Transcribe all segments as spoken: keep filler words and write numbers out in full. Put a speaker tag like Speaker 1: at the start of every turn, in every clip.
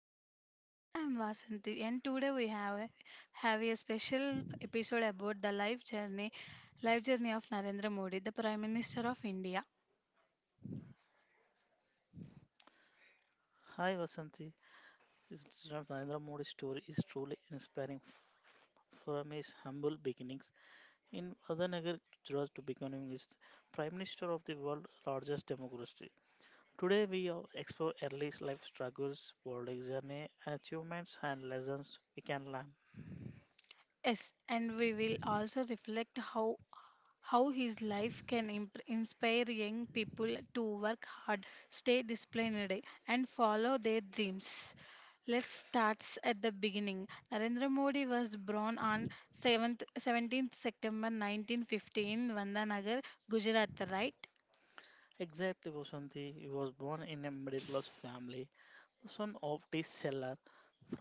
Speaker 1: to our podcast. I'm Vasanthi, and today we have a, have a special episode about the life journey life journey of Narendra Modi, the Prime Minister of India.
Speaker 2: Hi Vasanti, Sriraj Narendra Modi's story is truly inspiring. F- From his humble beginnings in Adanagar, Gujarat, to becoming his prime minister of the world's largest democracy. Today, we are explore early life struggles, world journey, achievements, and lessons we can learn.
Speaker 1: Yes, and we will also reflect how how his life can imp- inspire young people to work hard, stay disciplined, and follow their dreams. Let's start at the beginning. Narendra Modi was born on seventh seventeenth September nineteen fifteen, Vandanagar, Gujarat, right?
Speaker 2: Exactly, Vasanti. He was born in a middle class family, son of tea seller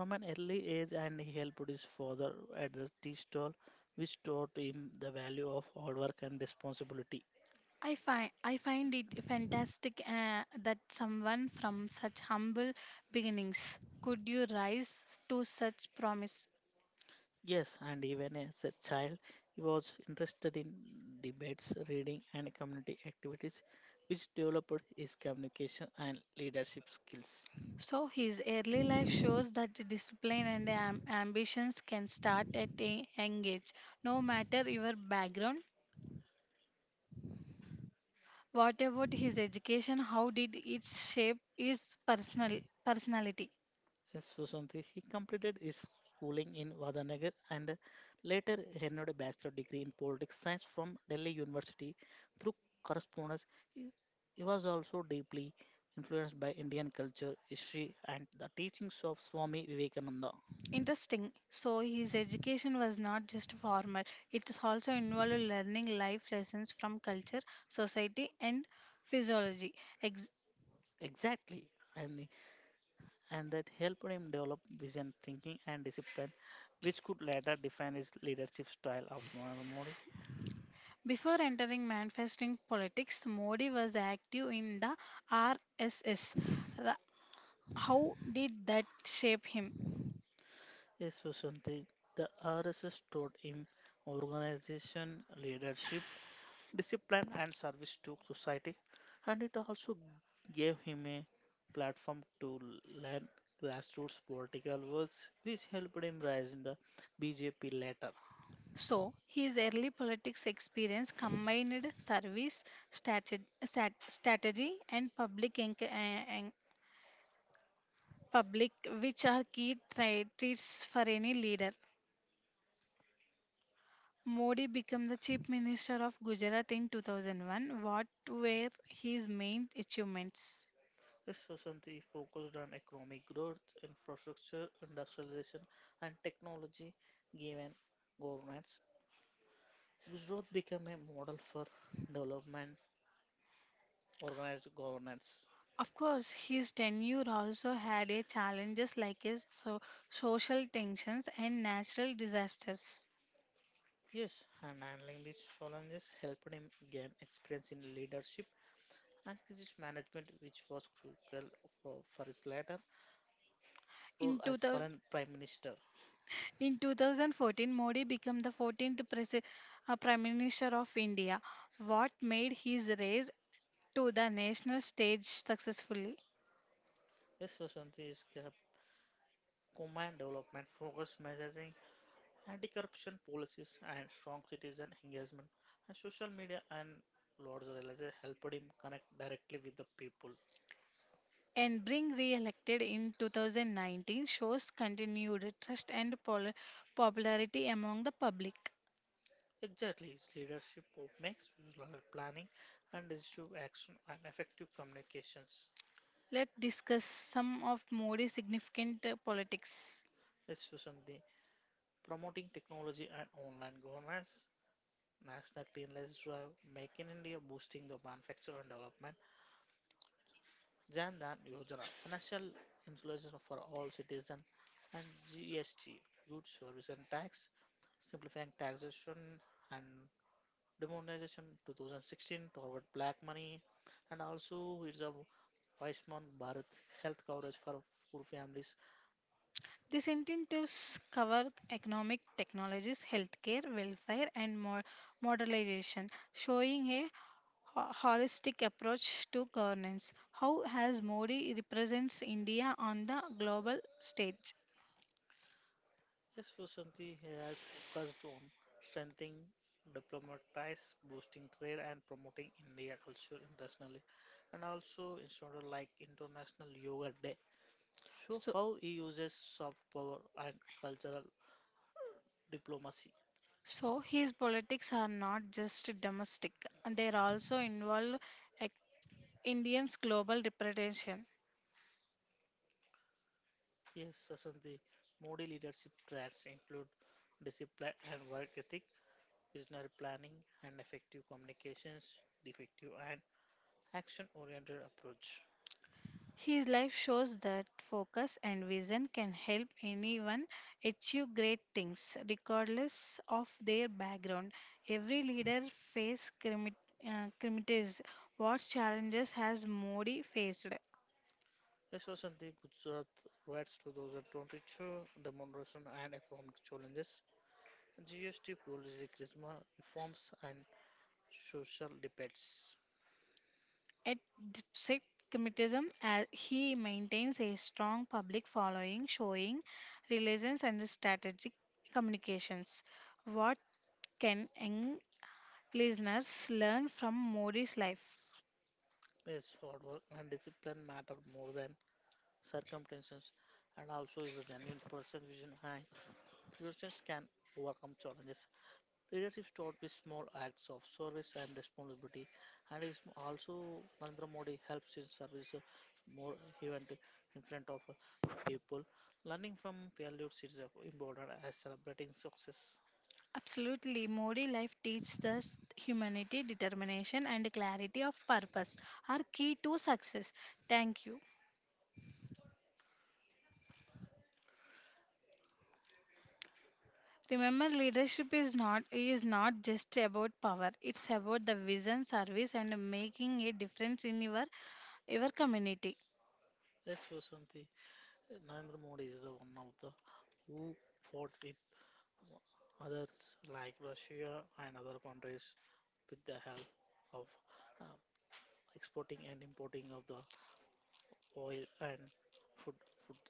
Speaker 2: from an early age, and he helped his father at the tea stall, which taught him the value of hard work and responsibility.
Speaker 1: I find I find it fantastic uh, that someone from such humble beginnings could you rise to such promise.
Speaker 2: Yes, and even as a child, he was interested in debates, reading, and community activities, which developed his communication and leadership skills.
Speaker 1: So his early life shows that the discipline and am- ambitions can start at a young age, no matter your background. What about his education? How did it shape his personal personality?
Speaker 2: Yes, Susanti. He completed his schooling in Vadanagar and later earned a bachelor degree in politics science from Delhi University through correspondence. He, he was also deeply influenced by Indian culture, history, and the teachings of Swami Vivekananda.
Speaker 1: Interesting. So his education was not just formal; it is also involved learning life lessons from culture, society, and physiology. Ex-
Speaker 2: Exactly, and and that helped him develop vision, thinking, and discipline, which could later define his leadership style of Narendra Modi.
Speaker 1: Before entering manifesting politics, Modi was active in the R S S. How did that shape him?
Speaker 2: Yes, Susanti, the R S S taught him organization, leadership, discipline, and service to society, and it also gave him a platform to learn grassroots political works, which helped him rise in the B J P later.
Speaker 1: So, his early politics experience combined service, strate- stat- strategy, and public, enc- eh, en- public, which are key tra- traits for any leader. Modi became the Chief Minister of Gujarat in two thousand one. What were his main achievements?
Speaker 2: Yes, Susanti focused on economic growth, infrastructure, industrialization, and technology, given governance. Gujarat became a model for development, organized governance.
Speaker 1: Of course, his tenure also had a challenges like his so- social tensions and natural disasters.
Speaker 2: Yes, and handling these challenges helped him gain experience in leadership and crisis management, which was crucial for, for his later role
Speaker 1: In
Speaker 2: as
Speaker 1: 2000,
Speaker 2: foreign prime minister.
Speaker 1: In twenty fourteen, Modi became the fourteenth presi- uh, Prime Minister of India, what made his race to the national stage successfully.
Speaker 2: Yes, Vasanthi is ca- command development, focus messaging, anti-corruption policies, and strong citizen engagement. And social media and Lord's realization helped him connect directly with the people.
Speaker 1: And being re-elected in twenty nineteen shows continued trust and polar- popularity among the public.
Speaker 2: Exactly, his leadership of makes usual planning and decisive action and effective communications.
Speaker 1: Let's discuss some of Modi's significant uh, politics.
Speaker 2: Yes, Vasanthi. Promoting technology and online governance, National Cleanliness Drive, Make in India, boosting the manufacture and development, Jan Dhan Yojana, financial insulation for all citizens, and G S T, Goods, Service and Tax, simplifying taxation and demonetization twenty sixteen toward black money, and also it's a Weissman Bharat, health coverage for poor families.
Speaker 1: These incentives cover economic technologies, healthcare, welfare, and more modernization, showing a ho- holistic approach to governance. How has Modi represents India on the global stage?
Speaker 2: Yes, Vasanti has focused on strengthening diplomatic ties, boosting trade, and promoting India culture internationally, and also instituted like International Yoga Day. So,
Speaker 1: So,
Speaker 2: how he uses soft power and cultural diplomacy.
Speaker 1: so his politics are not just domestic; they are also involve ec- Indians' global representation.
Speaker 2: Yes, Vasanti, Modi leadership traits include discipline and work ethic, visionary planning, and effective communications, effective and action-oriented approach.
Speaker 1: His life shows that focus and vision can help anyone achieve great things, regardless of their background. Every leader faces criticism. What challenges has Modi faced?
Speaker 2: This was on the Gujarat Riots twenty twenty-two demonstration and economic challenges, G S T policy, charisma, reforms, and social debates.
Speaker 1: At Despite criticism, as he maintains a strong public following, showing resilience and strategic communications. What can young listeners learn from Modi's life?
Speaker 2: His hard work and discipline matter more than circumstances, and also is a genuine person vision and priorities can overcome challenges. Leadership starts with small acts of service and responsibility, and is also Narendra Modi helps in service uh, more event in front of uh, people. Learning from failures is uh, important as celebrating success.
Speaker 1: Absolutely. Mori life teaches us humanity, determination, and clarity of purpose are key to success. Thank you. Remember, leadership is not is not just about power. It's about the vision, service, and making a difference in your your community.
Speaker 2: Yes, Vasanti, Narendra Modi is uh, one of the who fought with others like Russia and other countries with the help of uh, exporting and importing of the oil and food. Food.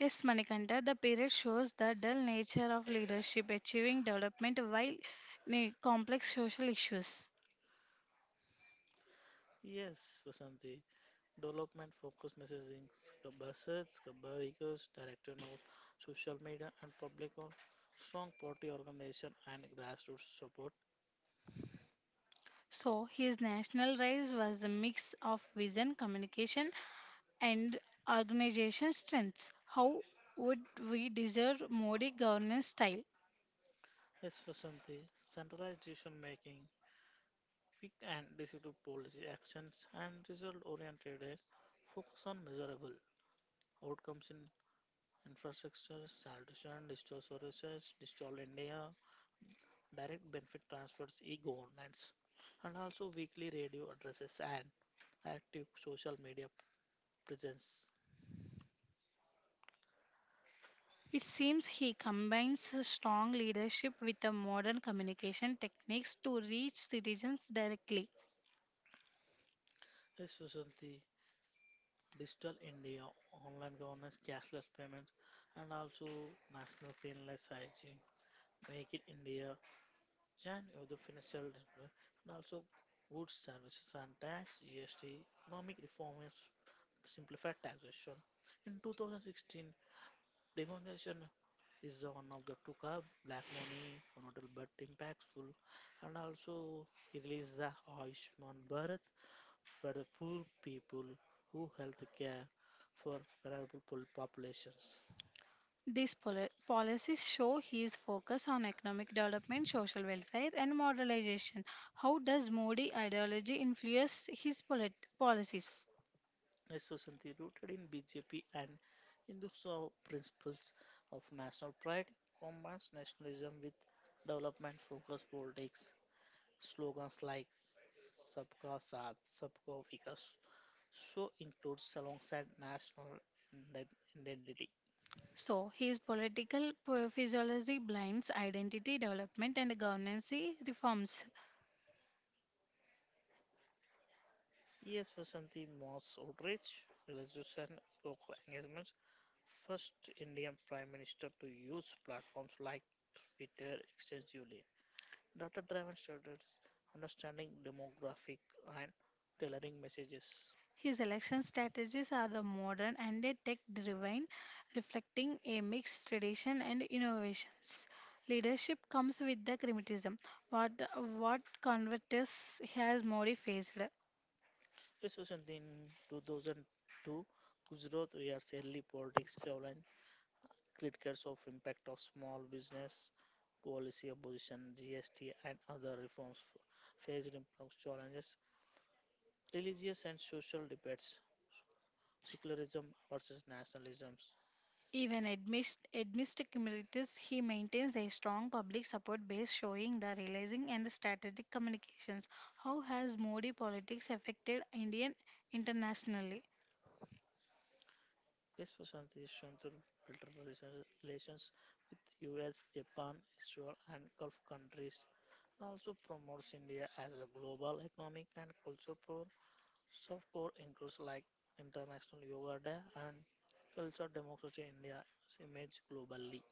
Speaker 1: Yes, Manikanta, the period shows the dull nature of leadership, achieving development while ne- complex social issues.
Speaker 2: Yes, Vasanti. Development focused messaging, buzzards, vehicles, direction of social media and public or strong party organization and grassroots support,
Speaker 1: So his national rise was a mix of vision, communication, and organization strengths. How would we deserve Modi governance style?
Speaker 2: efficiency, centralized decision making, quick and decisive policy actions and result oriented aid, focus on measurable outcomes in infrastructure, sanitation, digital services, digital India, direct benefit transfers, e-governance and also weekly radio addresses and active social media presence.
Speaker 1: It seems he combines a strong leadership with the modern communication techniques to reach citizens directly.
Speaker 2: Is Susanti, Digital India, online governance, cashless payments, and also national cleanliness hygiene. Make in India, join with the financial development, and also goods, services, and tax (G S T). Economic reforms simplified taxation. In two thousand sixteen, demonetization is the one of the took up black money connoted but impactful, and also he released the Ayushman Bharat for the poor people who health care for vulnerable pol- populations.
Speaker 1: These poli- policies show his focus on economic development, social welfare, and modernization. How does Modi ideology influence his polit- policies?
Speaker 2: A society rooted in B J P and Hinduism principles of national pride combines nationalism with development focused politics. Slogans like Sabka Saath, Sabka Vikas so includes alongside national ident- identity.
Speaker 1: So, his political p- physiology blinds identity development and governance reforms.
Speaker 2: E S Vasanti Moss outreach, realization, local engagement, first Indian Prime Minister to use platforms like Twitter extensively. Data driven strategies, understanding demographic and tailoring messages.
Speaker 1: His election strategies are the modern and the tech-driven, reflecting a mixed tradition and innovations. Leadership comes with the criticism, what what Convertus has Modi faced.
Speaker 2: Especially in two thousand two, Gujarat Riyadh's early politics challenged critics of impact of small business policy opposition, G S T and other reforms f- faced complex challenges, religious and social debates, secularism versus nationalism.
Speaker 1: Even amidst amidst criticisms, he maintains a strong public support base, showing the realizing and strategic communications. How has Modi politics affected Indian internationally?
Speaker 2: Yes, Prashant is shown to better relation- relations with U S, Japan, Israel, and Gulf countries, and also promotes India as a global economic and cultural power. Soft power includes like International Yoga Day and Culture Democracy India's image globally.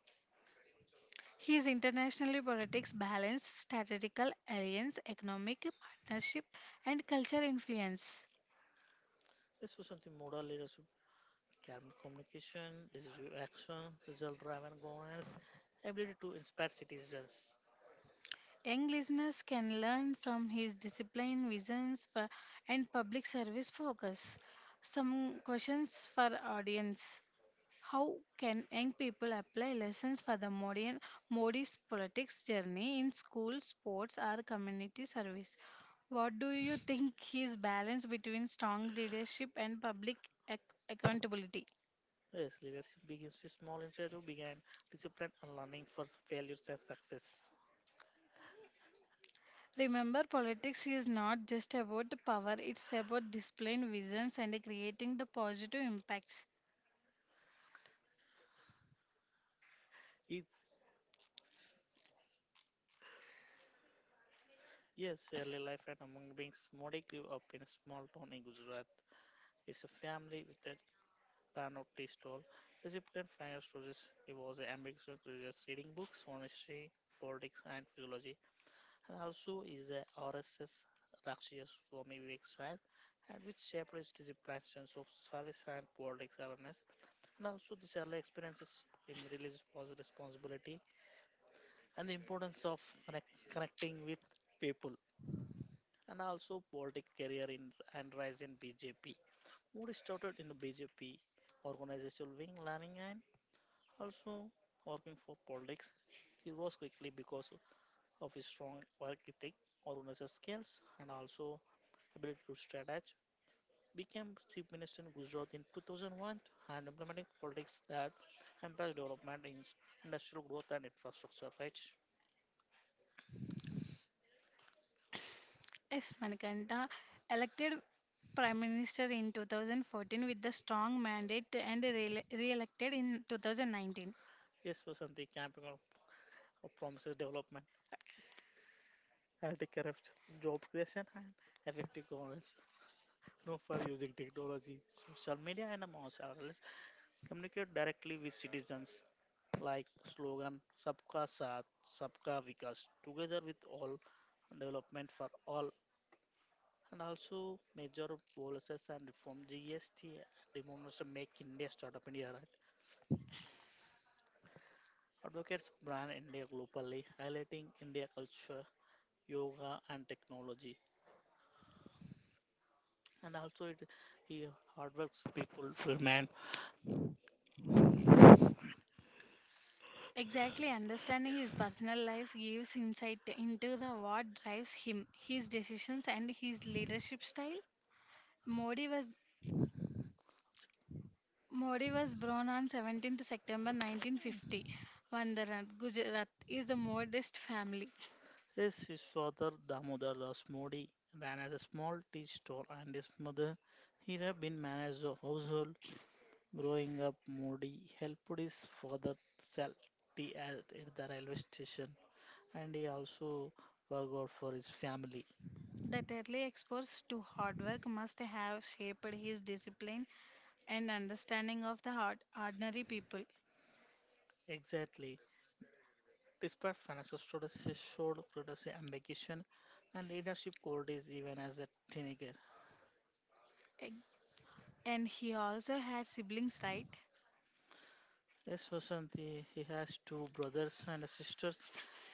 Speaker 1: His international politics balance strategical alliance, economic partnership, and cultural influence.
Speaker 2: This was something model leadership, calm communication, decisive action, result driven governance, ability to inspire citizens.
Speaker 1: Young listeners can learn from his discipline, visions, for, and public service focus. Some questions for audience. How can young people apply lessons for the modern Modi's politics journey in school, sports, or community service? What do you think his balance between strong leadership and public ac- accountability?
Speaker 2: Yes, leadership begins with small initiative, began discipline and learning for failures and success.
Speaker 1: Remember, politics is not just about the power, it's about displaying visions and creating the positive impacts.
Speaker 2: It's, yes, early life and among beings, Modi grew up in a small town in Gujarat. It's a family with a run of tea stall. Recipient final stories. He was an ambitious creator, reading books on history, politics, and physiology, and also is a R S S Rakshya Swami Vivek Sahib, and which shaped his disciplines of service and politics awareness. And also, these early experiences um, releases positive responsibility and the importance of connect, connecting with people. And also, political career in and rise in B J P. Moody started in the B J P organizational wing, learning and also working for politics. He rose quickly because of his strong work ethic, organizational skills, and also ability to strategize became chief minister in Gujarat in two thousand one and implementing politics that emphasize development in industrial growth and infrastructure, right?
Speaker 1: Yes, Manikanta, elected Prime Minister in two thousand fourteen with the strong mandate and re elected in two thousand nineteen.
Speaker 2: Yes, Vasanti, camping on promises development, anti-corruption, job creation, and effective governance. No for using technology, social media, and mass analysis communicate directly with citizens like slogan "Sabka Saath, Sabka Vikas" together with all development for all. And also major policies and reform G S T demonstration make India startup India right. Advocates brand India globally, highlighting India culture, yoga and technology. And also it he hardworks people remain.
Speaker 1: Exactly, understanding his personal life gives insight into the what drives him, his decisions and his leadership style. Modi was Modi was born on seventeenth September nineteen fifty. Vandaran, Gujarat is the modest family.
Speaker 2: His, his father Damodar Das Modi ran as a small tea store and his mother he had been managed a household. Growing up Modi helped his father sell tea at, at the railway station and he also worked out for his family.
Speaker 1: That early exposure to hard work must have shaped his discipline and understanding of the hard, ordinary people.
Speaker 2: Exactly. Despite financial struggles, he showed courage, ambition, and leadership qualities even as a teenager.
Speaker 1: Eg- And he also had siblings, right?
Speaker 2: As for Santi, he has two brothers and sisters,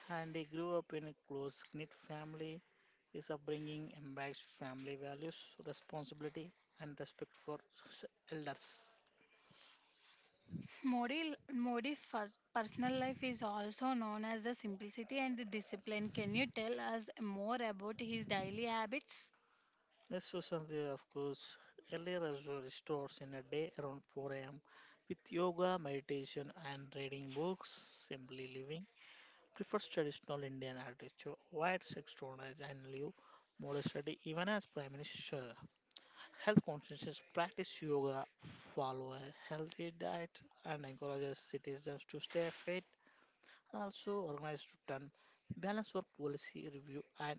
Speaker 2: and he grew up in a close knit family. His upbringing embodies family values, responsibility, and respect for s- elders.
Speaker 1: Modi, Modi fus- personal life is also known as the simplicity and the discipline. Can you tell us more about his daily habits?
Speaker 2: Rest was something, of course, earlier usually starts in a day around four a m with yoga, meditation, and reading books, simply living. Prefers traditional Indian architecture, wide exercise, and live modest study, even as Prime Minister. Health conscious practice yoga, follow a healthy diet, and encourages citizens to stay fit. And also, organized return, balance for policy review and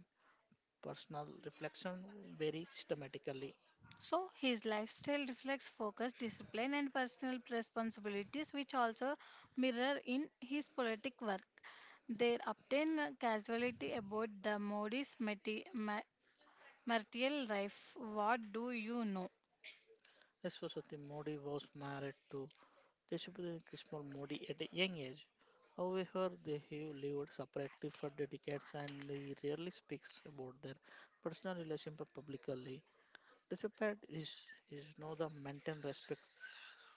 Speaker 2: personal reflection very systematically.
Speaker 1: So, his lifestyle reflects focus, discipline, and personal responsibilities, which also mirror in his politic work. There obtain casualty about the Modi's mati- ma- martial life. What do you know?
Speaker 2: Saraswati Modi was married to Deshpande Kishore Modi at a young age. However, they have lived separately for decades and he rarely speaks about their personal relationship publicly. Despite his, his know the maintained respect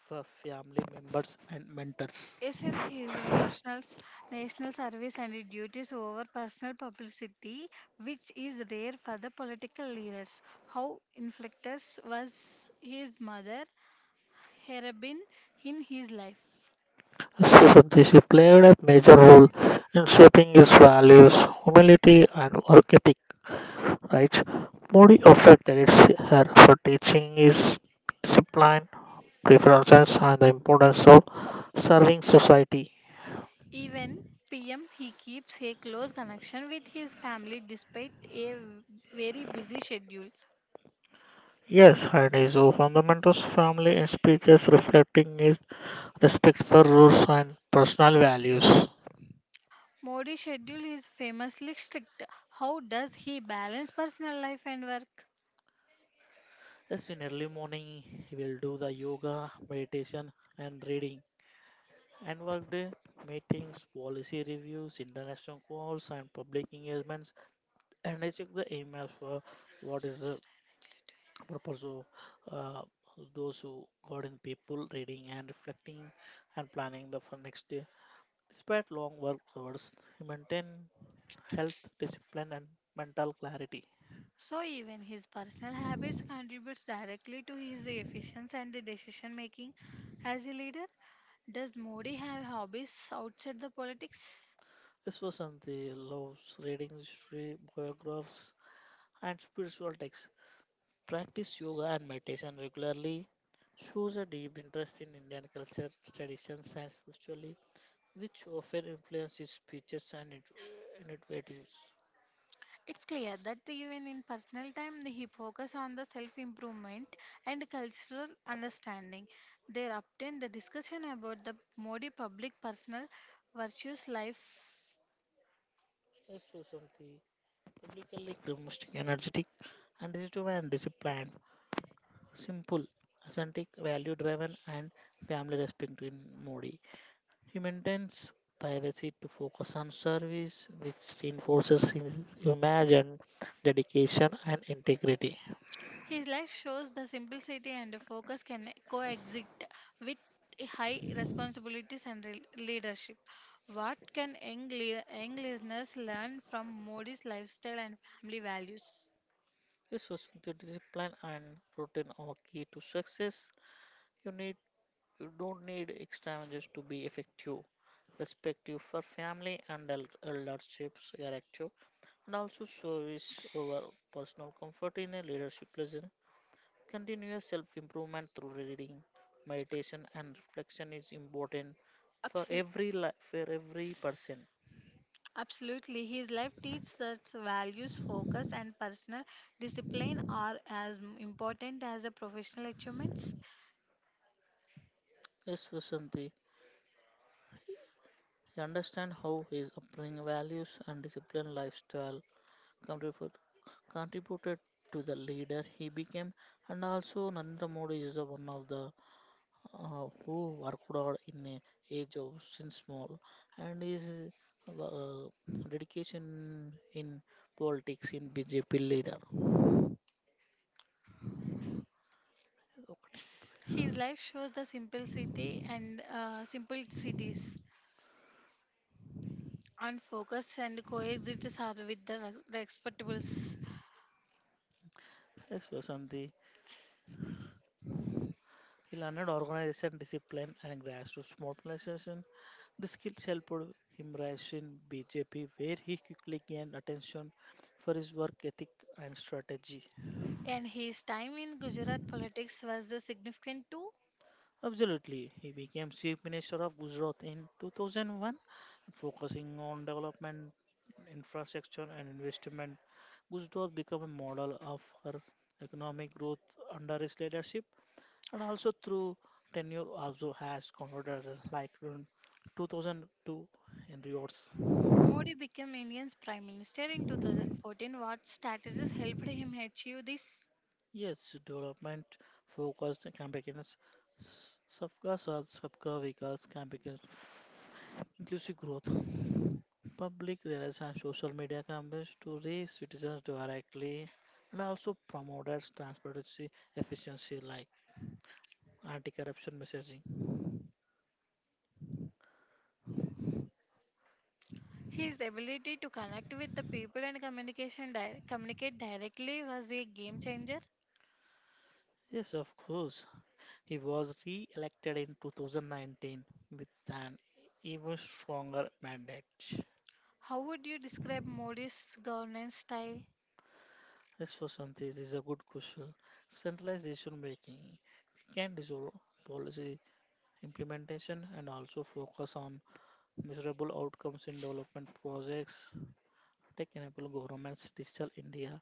Speaker 2: for family members and mentors.
Speaker 1: Since his professional national service and duties over personal publicity, which is rare for the political leaders. How inflectors was his mother Herabin in his life?
Speaker 2: Srisanti, she played a major role in shaping his values, humility, and work ethic. Right? Modi often credits her for teaching his discipline, preferences, and the importance of serving society.
Speaker 1: Even P M he keeps a close connection with his family despite a very busy schedule.
Speaker 2: Yes, and his fundamentals, family, and speeches reflecting his respect for rules and personal values.
Speaker 1: Modi's schedule is famously strict. How does he balance personal life and work?
Speaker 2: Yes, in early morning he will do the yoga, meditation, and reading and workday meetings, policy reviews, international calls, and public engagements. And I check the emails for what is the purpose of uh, those who got in people reading and reflecting and planning the for next day. Despite long work hours, he maintained health, discipline, and mental clarity.
Speaker 1: So even his personal habits contributes directly to his efficiency and the decision making as a leader. Does Modi have hobbies outside the politics?
Speaker 2: This was on the loves reading history, biographies, and spiritual texts. Practice yoga and meditation regularly shows a deep interest in Indian culture, traditions, and spirituality, which often influences speeches and it- innovatives.
Speaker 1: It's clear that even in personal time he focus on the self-improvement and cultural understanding. There obtained the discussion about the Modi public personal virtues life.
Speaker 2: Also, something publicly optimistic, energetic, and disciplined and disciplined, simple, authentic, value-driven, and family-respecting Modi. He maintains privacy to focus on service, which reinforces his image and dedication and integrity.
Speaker 1: His life shows the simplicity and focus can coexist with high responsibilities and re- leadership. What can young, le- young listeners learn from Modi's lifestyle and family values?
Speaker 2: This was the discipline and routine are key to success. You need you don't need extravagance to be effective. Respect you for family and el- elderships character and also service over personal comfort in a leadership lesson. Continuous self-improvement through reading, meditation and reflection is important for
Speaker 1: Absolutely.
Speaker 2: every life, for every person.
Speaker 1: Absolutely. His life teaches that values, focus, and personal discipline are as m- important as the professional achievements.
Speaker 2: Yes, Vasanti. I understand how his upbringing values and discipline lifestyle contribute- contributed to the leader he became and also Narendra Modi is the one of the uh, who worked hard in a age of since small and his uh, uh, dedication in politics in B J P leader ఒకటి.
Speaker 1: His life shows the simplicity and uh, simplicities and focus and coexist are with the, re- the expectables.
Speaker 2: Yes Vasanthi ఇలా అన్నాడు organization discipline and grass roots mobilization the skills helped him rise in BJP where he quickly gain attention for his work ethic and strategy.
Speaker 1: And his time in Gujarat politics was the significant too.
Speaker 2: Absolutely. He became chief minister of Gujarat in two thousand one, focusing on development, infrastructure, and investment. Gujarat became a model of her economic growth under his leadership, and also through tenure also has controversies like in two thousand two in Riots.
Speaker 1: Modi became India's prime minister in two thousand fourteen. What strategies helped him achieve this?
Speaker 2: Yes, development focused campaigns, s- Sabka Saath Sabka Vikas campaigns, inclusive growth, public relations and social media campaigns to reach citizens directly and also promoted transparency efficiency like anti-corruption messaging.
Speaker 1: His ability to connect with the people and communication di- communicate directly was a game changer.
Speaker 2: Yes, of course. He was re-elected in two thousand nineteen with an even stronger mandate.
Speaker 1: How would you describe Modi's governance style?
Speaker 2: As for Santi, this is a good question. Centralized decision making can dissolve policy implementation and also focus on measurable outcomes in development projects, tech-enabled governments, digital India,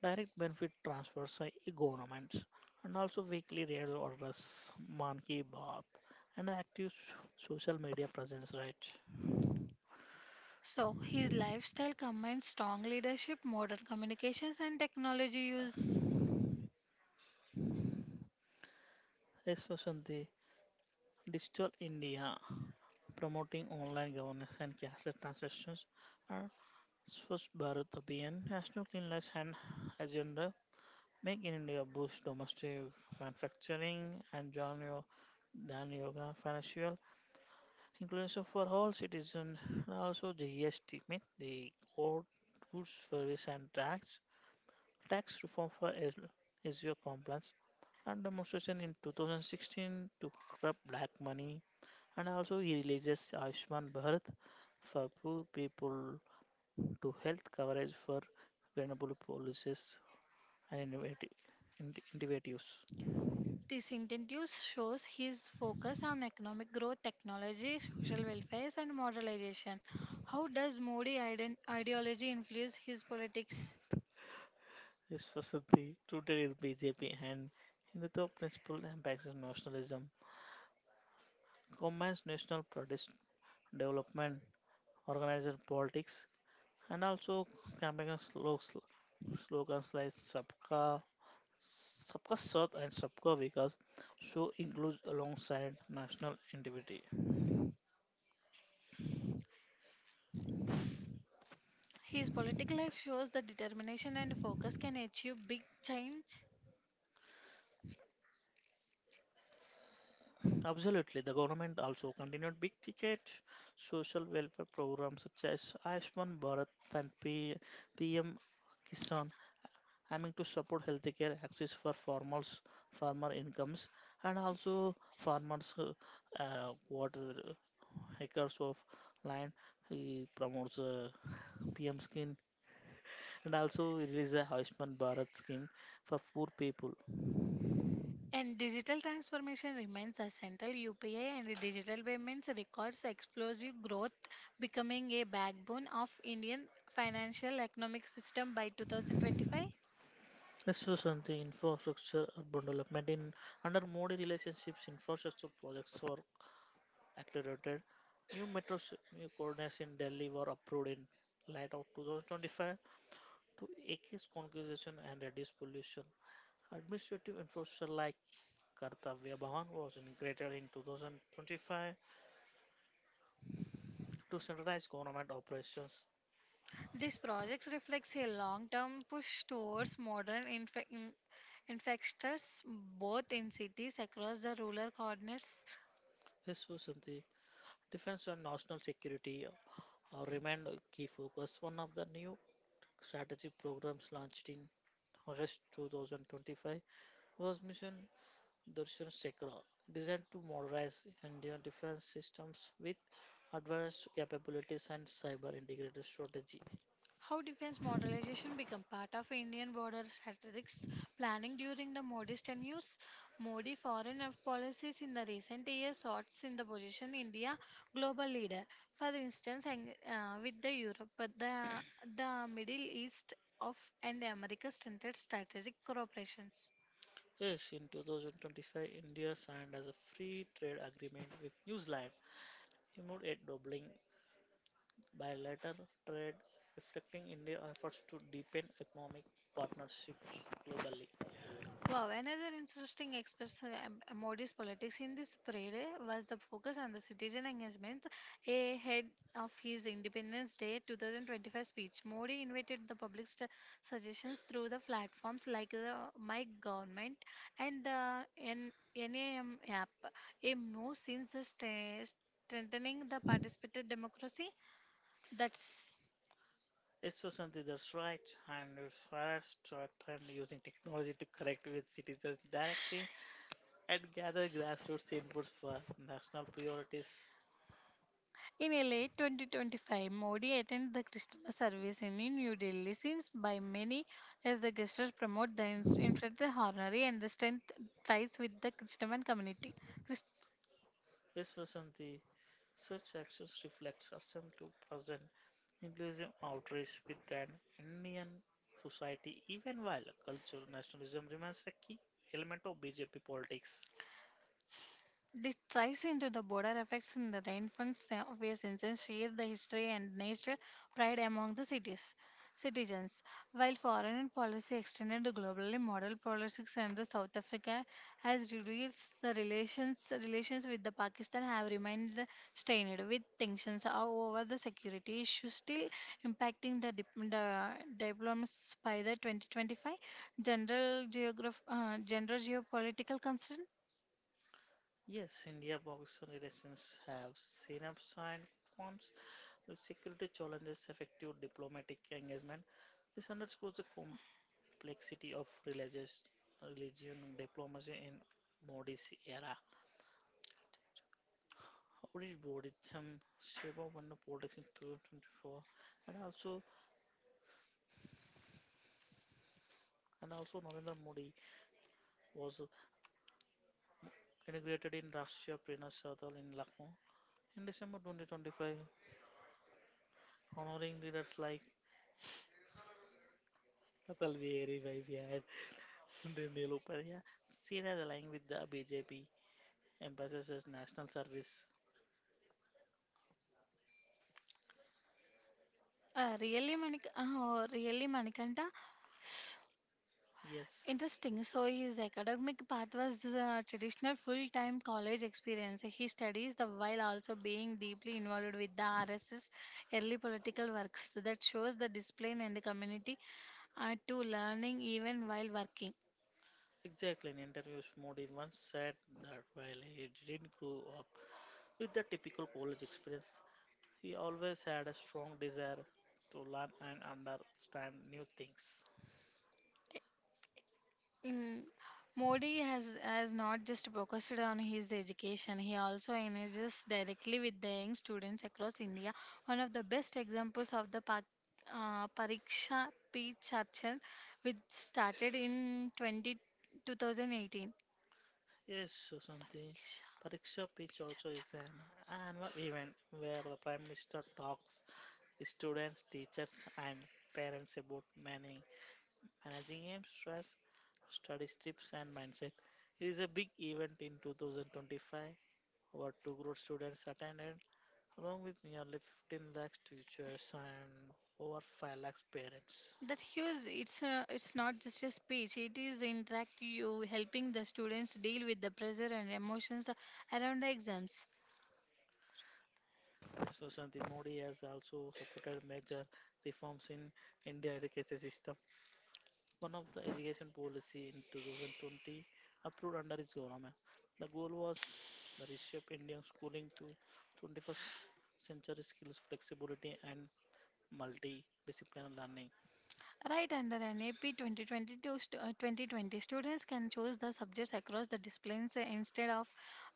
Speaker 2: direct benefit transfers, uh, governments, and also weekly radio orders, man ki baat, and active so- social media presence, right?
Speaker 1: So, his lifestyle combines strong leadership, modern communications, and technology use.
Speaker 2: Yes, Vasanti, digital India, promoting online governance and cashless transactions, and Swachh Bharat Abhiyan, national cleanliness and agenda, make in India boost domestic manufacturing and join your Dan Yoga financial inclusion for all citizens, and also G S T, means the code Goods Service and Tax, tax reform for S E O compliance and demonstration in two thousand sixteen to curb black money. And also he releases Ayushman Bharat for poor people to health coverage for vulnerable policies and innovative, in- innovatives.
Speaker 1: This incentives shows his focus on economic growth, technology, social welfare, and modernization. How does Modi iden- ideology influence his politics?
Speaker 2: This was the rooted in B J P and Hindutva principle impacts on nationalism, combines national pride development, organizer politics, and also campaign slo- sl- slogans like Sabka, Sabka Saath and Sabka Vikas show includes alongside national integrity.
Speaker 1: His political life shows that determination and focus can achieve big change.
Speaker 2: Absolutely, the government also continued big ticket social welfare programs such as Ayushman Bharat and P- PM Kisan, aiming to support healthcare access for farmers, farmer incomes, and also farmers uh, uh, what acres of land. He promotes uh, P M scheme, and also it is a Ayushman Bharat scheme for poor people.
Speaker 1: And digital transformation remains the central U P I and the digital payments records explosive growth, becoming a backbone of Indian financial economic system by two thousand twenty-five.
Speaker 2: Next was on the infrastructure urban development. In under Modi relationships, infrastructure projects are accelerated. New metro s- new coordinates in Delhi were approved in light of twenty twenty-five to increase congestion and reduce pollution. Administrative infrastructure like Kartavya Bhavan was integrated in two thousand twenty-five to centralize government operations.
Speaker 1: These projects reflects a long-term push towards modern infra- in- infrastructures, both in cities across the rural corners.
Speaker 2: Yes, Vasanti. Defense and national security uh, remain a key focus. One of the new strategy programs launched in August twenty twenty-five was Mission Darshan Chakra, designed to modernize Indian defense systems with advanced capabilities and cyber integrated strategy.
Speaker 1: How defense modernization became part of Indian border strategics planning during the Modi's tenures. Modi foreign af- policies in the recent years sorts in the position India global leader. For instance, ang- uh, with the Europe, but the the Middle East of and America strengthened strategic cooperations.
Speaker 2: Yes, in twenty twenty-five, India signed as a free trade agreement with New Zealand, aimed at doubling bilateral trade, reflecting India's efforts to deepen economic partnerships globally.
Speaker 1: Wow, another interesting aspect of Modi's politics in this period was the focus on the citizen engagement ahead of his Independence Day twenty twenty-five speech. Modi invited the public st- suggestions through the platforms like the My Government and the N- NAM app, a move since the sta- strengthening the participative democracy. That's
Speaker 2: Yes, Susanti, that's right. And it's first trend using technology to connect with citizens directly and gather grassroots inputs for national priorities.
Speaker 1: In a late twenty twenty-five, Modi attended the Christmas service in New Delhi, seen by many as the gestures promote the ins- infant the harmony and the strength ties with the Christian community.
Speaker 2: Yes, Susanti, such actions reflect our attempt to present inclusive outreach within Indian society, even while culture nationalism remains a key element of B J P politics.
Speaker 1: This ties into the border effects in the rainfalls uh, where citizens share the history and national pride among the cities citizens. While foreign policy extended the globally model politics and the South Africa has reduced the relations relations with the Pakistan have remained strained with tensions over the security issues still impacting the, dip- the diplomats by the twenty twenty-five general geograph uh, general geopolitical concerns.
Speaker 2: Yes, India Pakistan relations have seen ups and cons. The security challenges effective diplomatic engagement. This underscores the complexity of religious religion diplomacy in Modi's era. How did Modi some shape up under politics in twenty twenty-four? And also, and also Narendra Modi was inaugurated in Rashtriya Prerna Sadal in Lucknow in December twenty twenty-five, honoring leaders like Atal Bihari Vajpayee They Neil Upar, yeah, seen as aligning with the B J P, emphasizes as national service.
Speaker 1: Uh, really, Manik, uh, really, Manikanta,
Speaker 2: Yes,
Speaker 1: interesting. So his academic path was the traditional full-time college experience. He studies the while also being deeply involved with the R S S early political works that shows the discipline and the community uh, to learning even while working.
Speaker 2: exactly. In interviews, Modi once said that while he didn't grow up with the typical college experience, he always had a strong desire to learn and understand new things.
Speaker 1: Mm, Modi has has not just focused on his education, he also engages directly with the young students across India. One of the best examples of the Pak, uh, Pariksha Pe Charcha, which started in twenty two thousand eighteen. Pariksha
Speaker 2: Yes, Susanti. Pariksha Pitch also is an annual event where the Prime Minister talks students, teachers, and parents about managing, managing aims, stress, study tips, and mindset. It is a big event in two thousand twenty-five. Over two crore students attended, along with nearly fifteen lakhs teachers and over five lakhs parents.
Speaker 1: That huge, it's uh, it's not just a speech, it is interact you helping the students deal with the pressure and emotions around the exams.
Speaker 2: This Susanti Modi has also supported major reforms in India education system, one of the education policy in two thousand twenty approved under his government. The goal was the reshape Indian schooling to twenty-first century skills, flexibility, and multidisciplinary learning.
Speaker 1: Right under NAP twenty twenty-two st- uh, twenty twenty, students can choose the subjects across the disciplines uh, instead of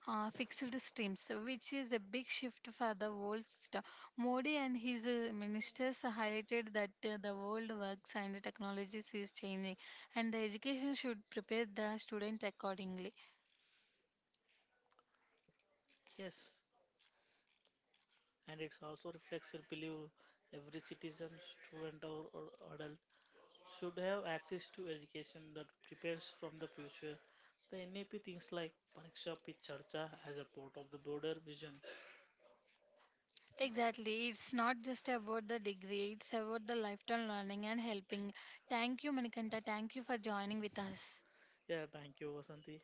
Speaker 1: uh, fixed streams, which is a big shift for the world system. Modi and his uh, ministers highlighted that uh, the world works and technologies is changing, and the education should prepare the student accordingly.
Speaker 2: Yes, and it's also reflects a belief every citizen, student, or, or adult should have access to education that prepares from the future. The N E P thinks like Pariksha Pe Charcha as a part of the broader vision.
Speaker 1: Exactly, it's not just about the degree, it's about the lifetime learning and helping. Thank you, Manikanta. Thank you for joining with us.
Speaker 2: Yeah, thank you, Vasanti.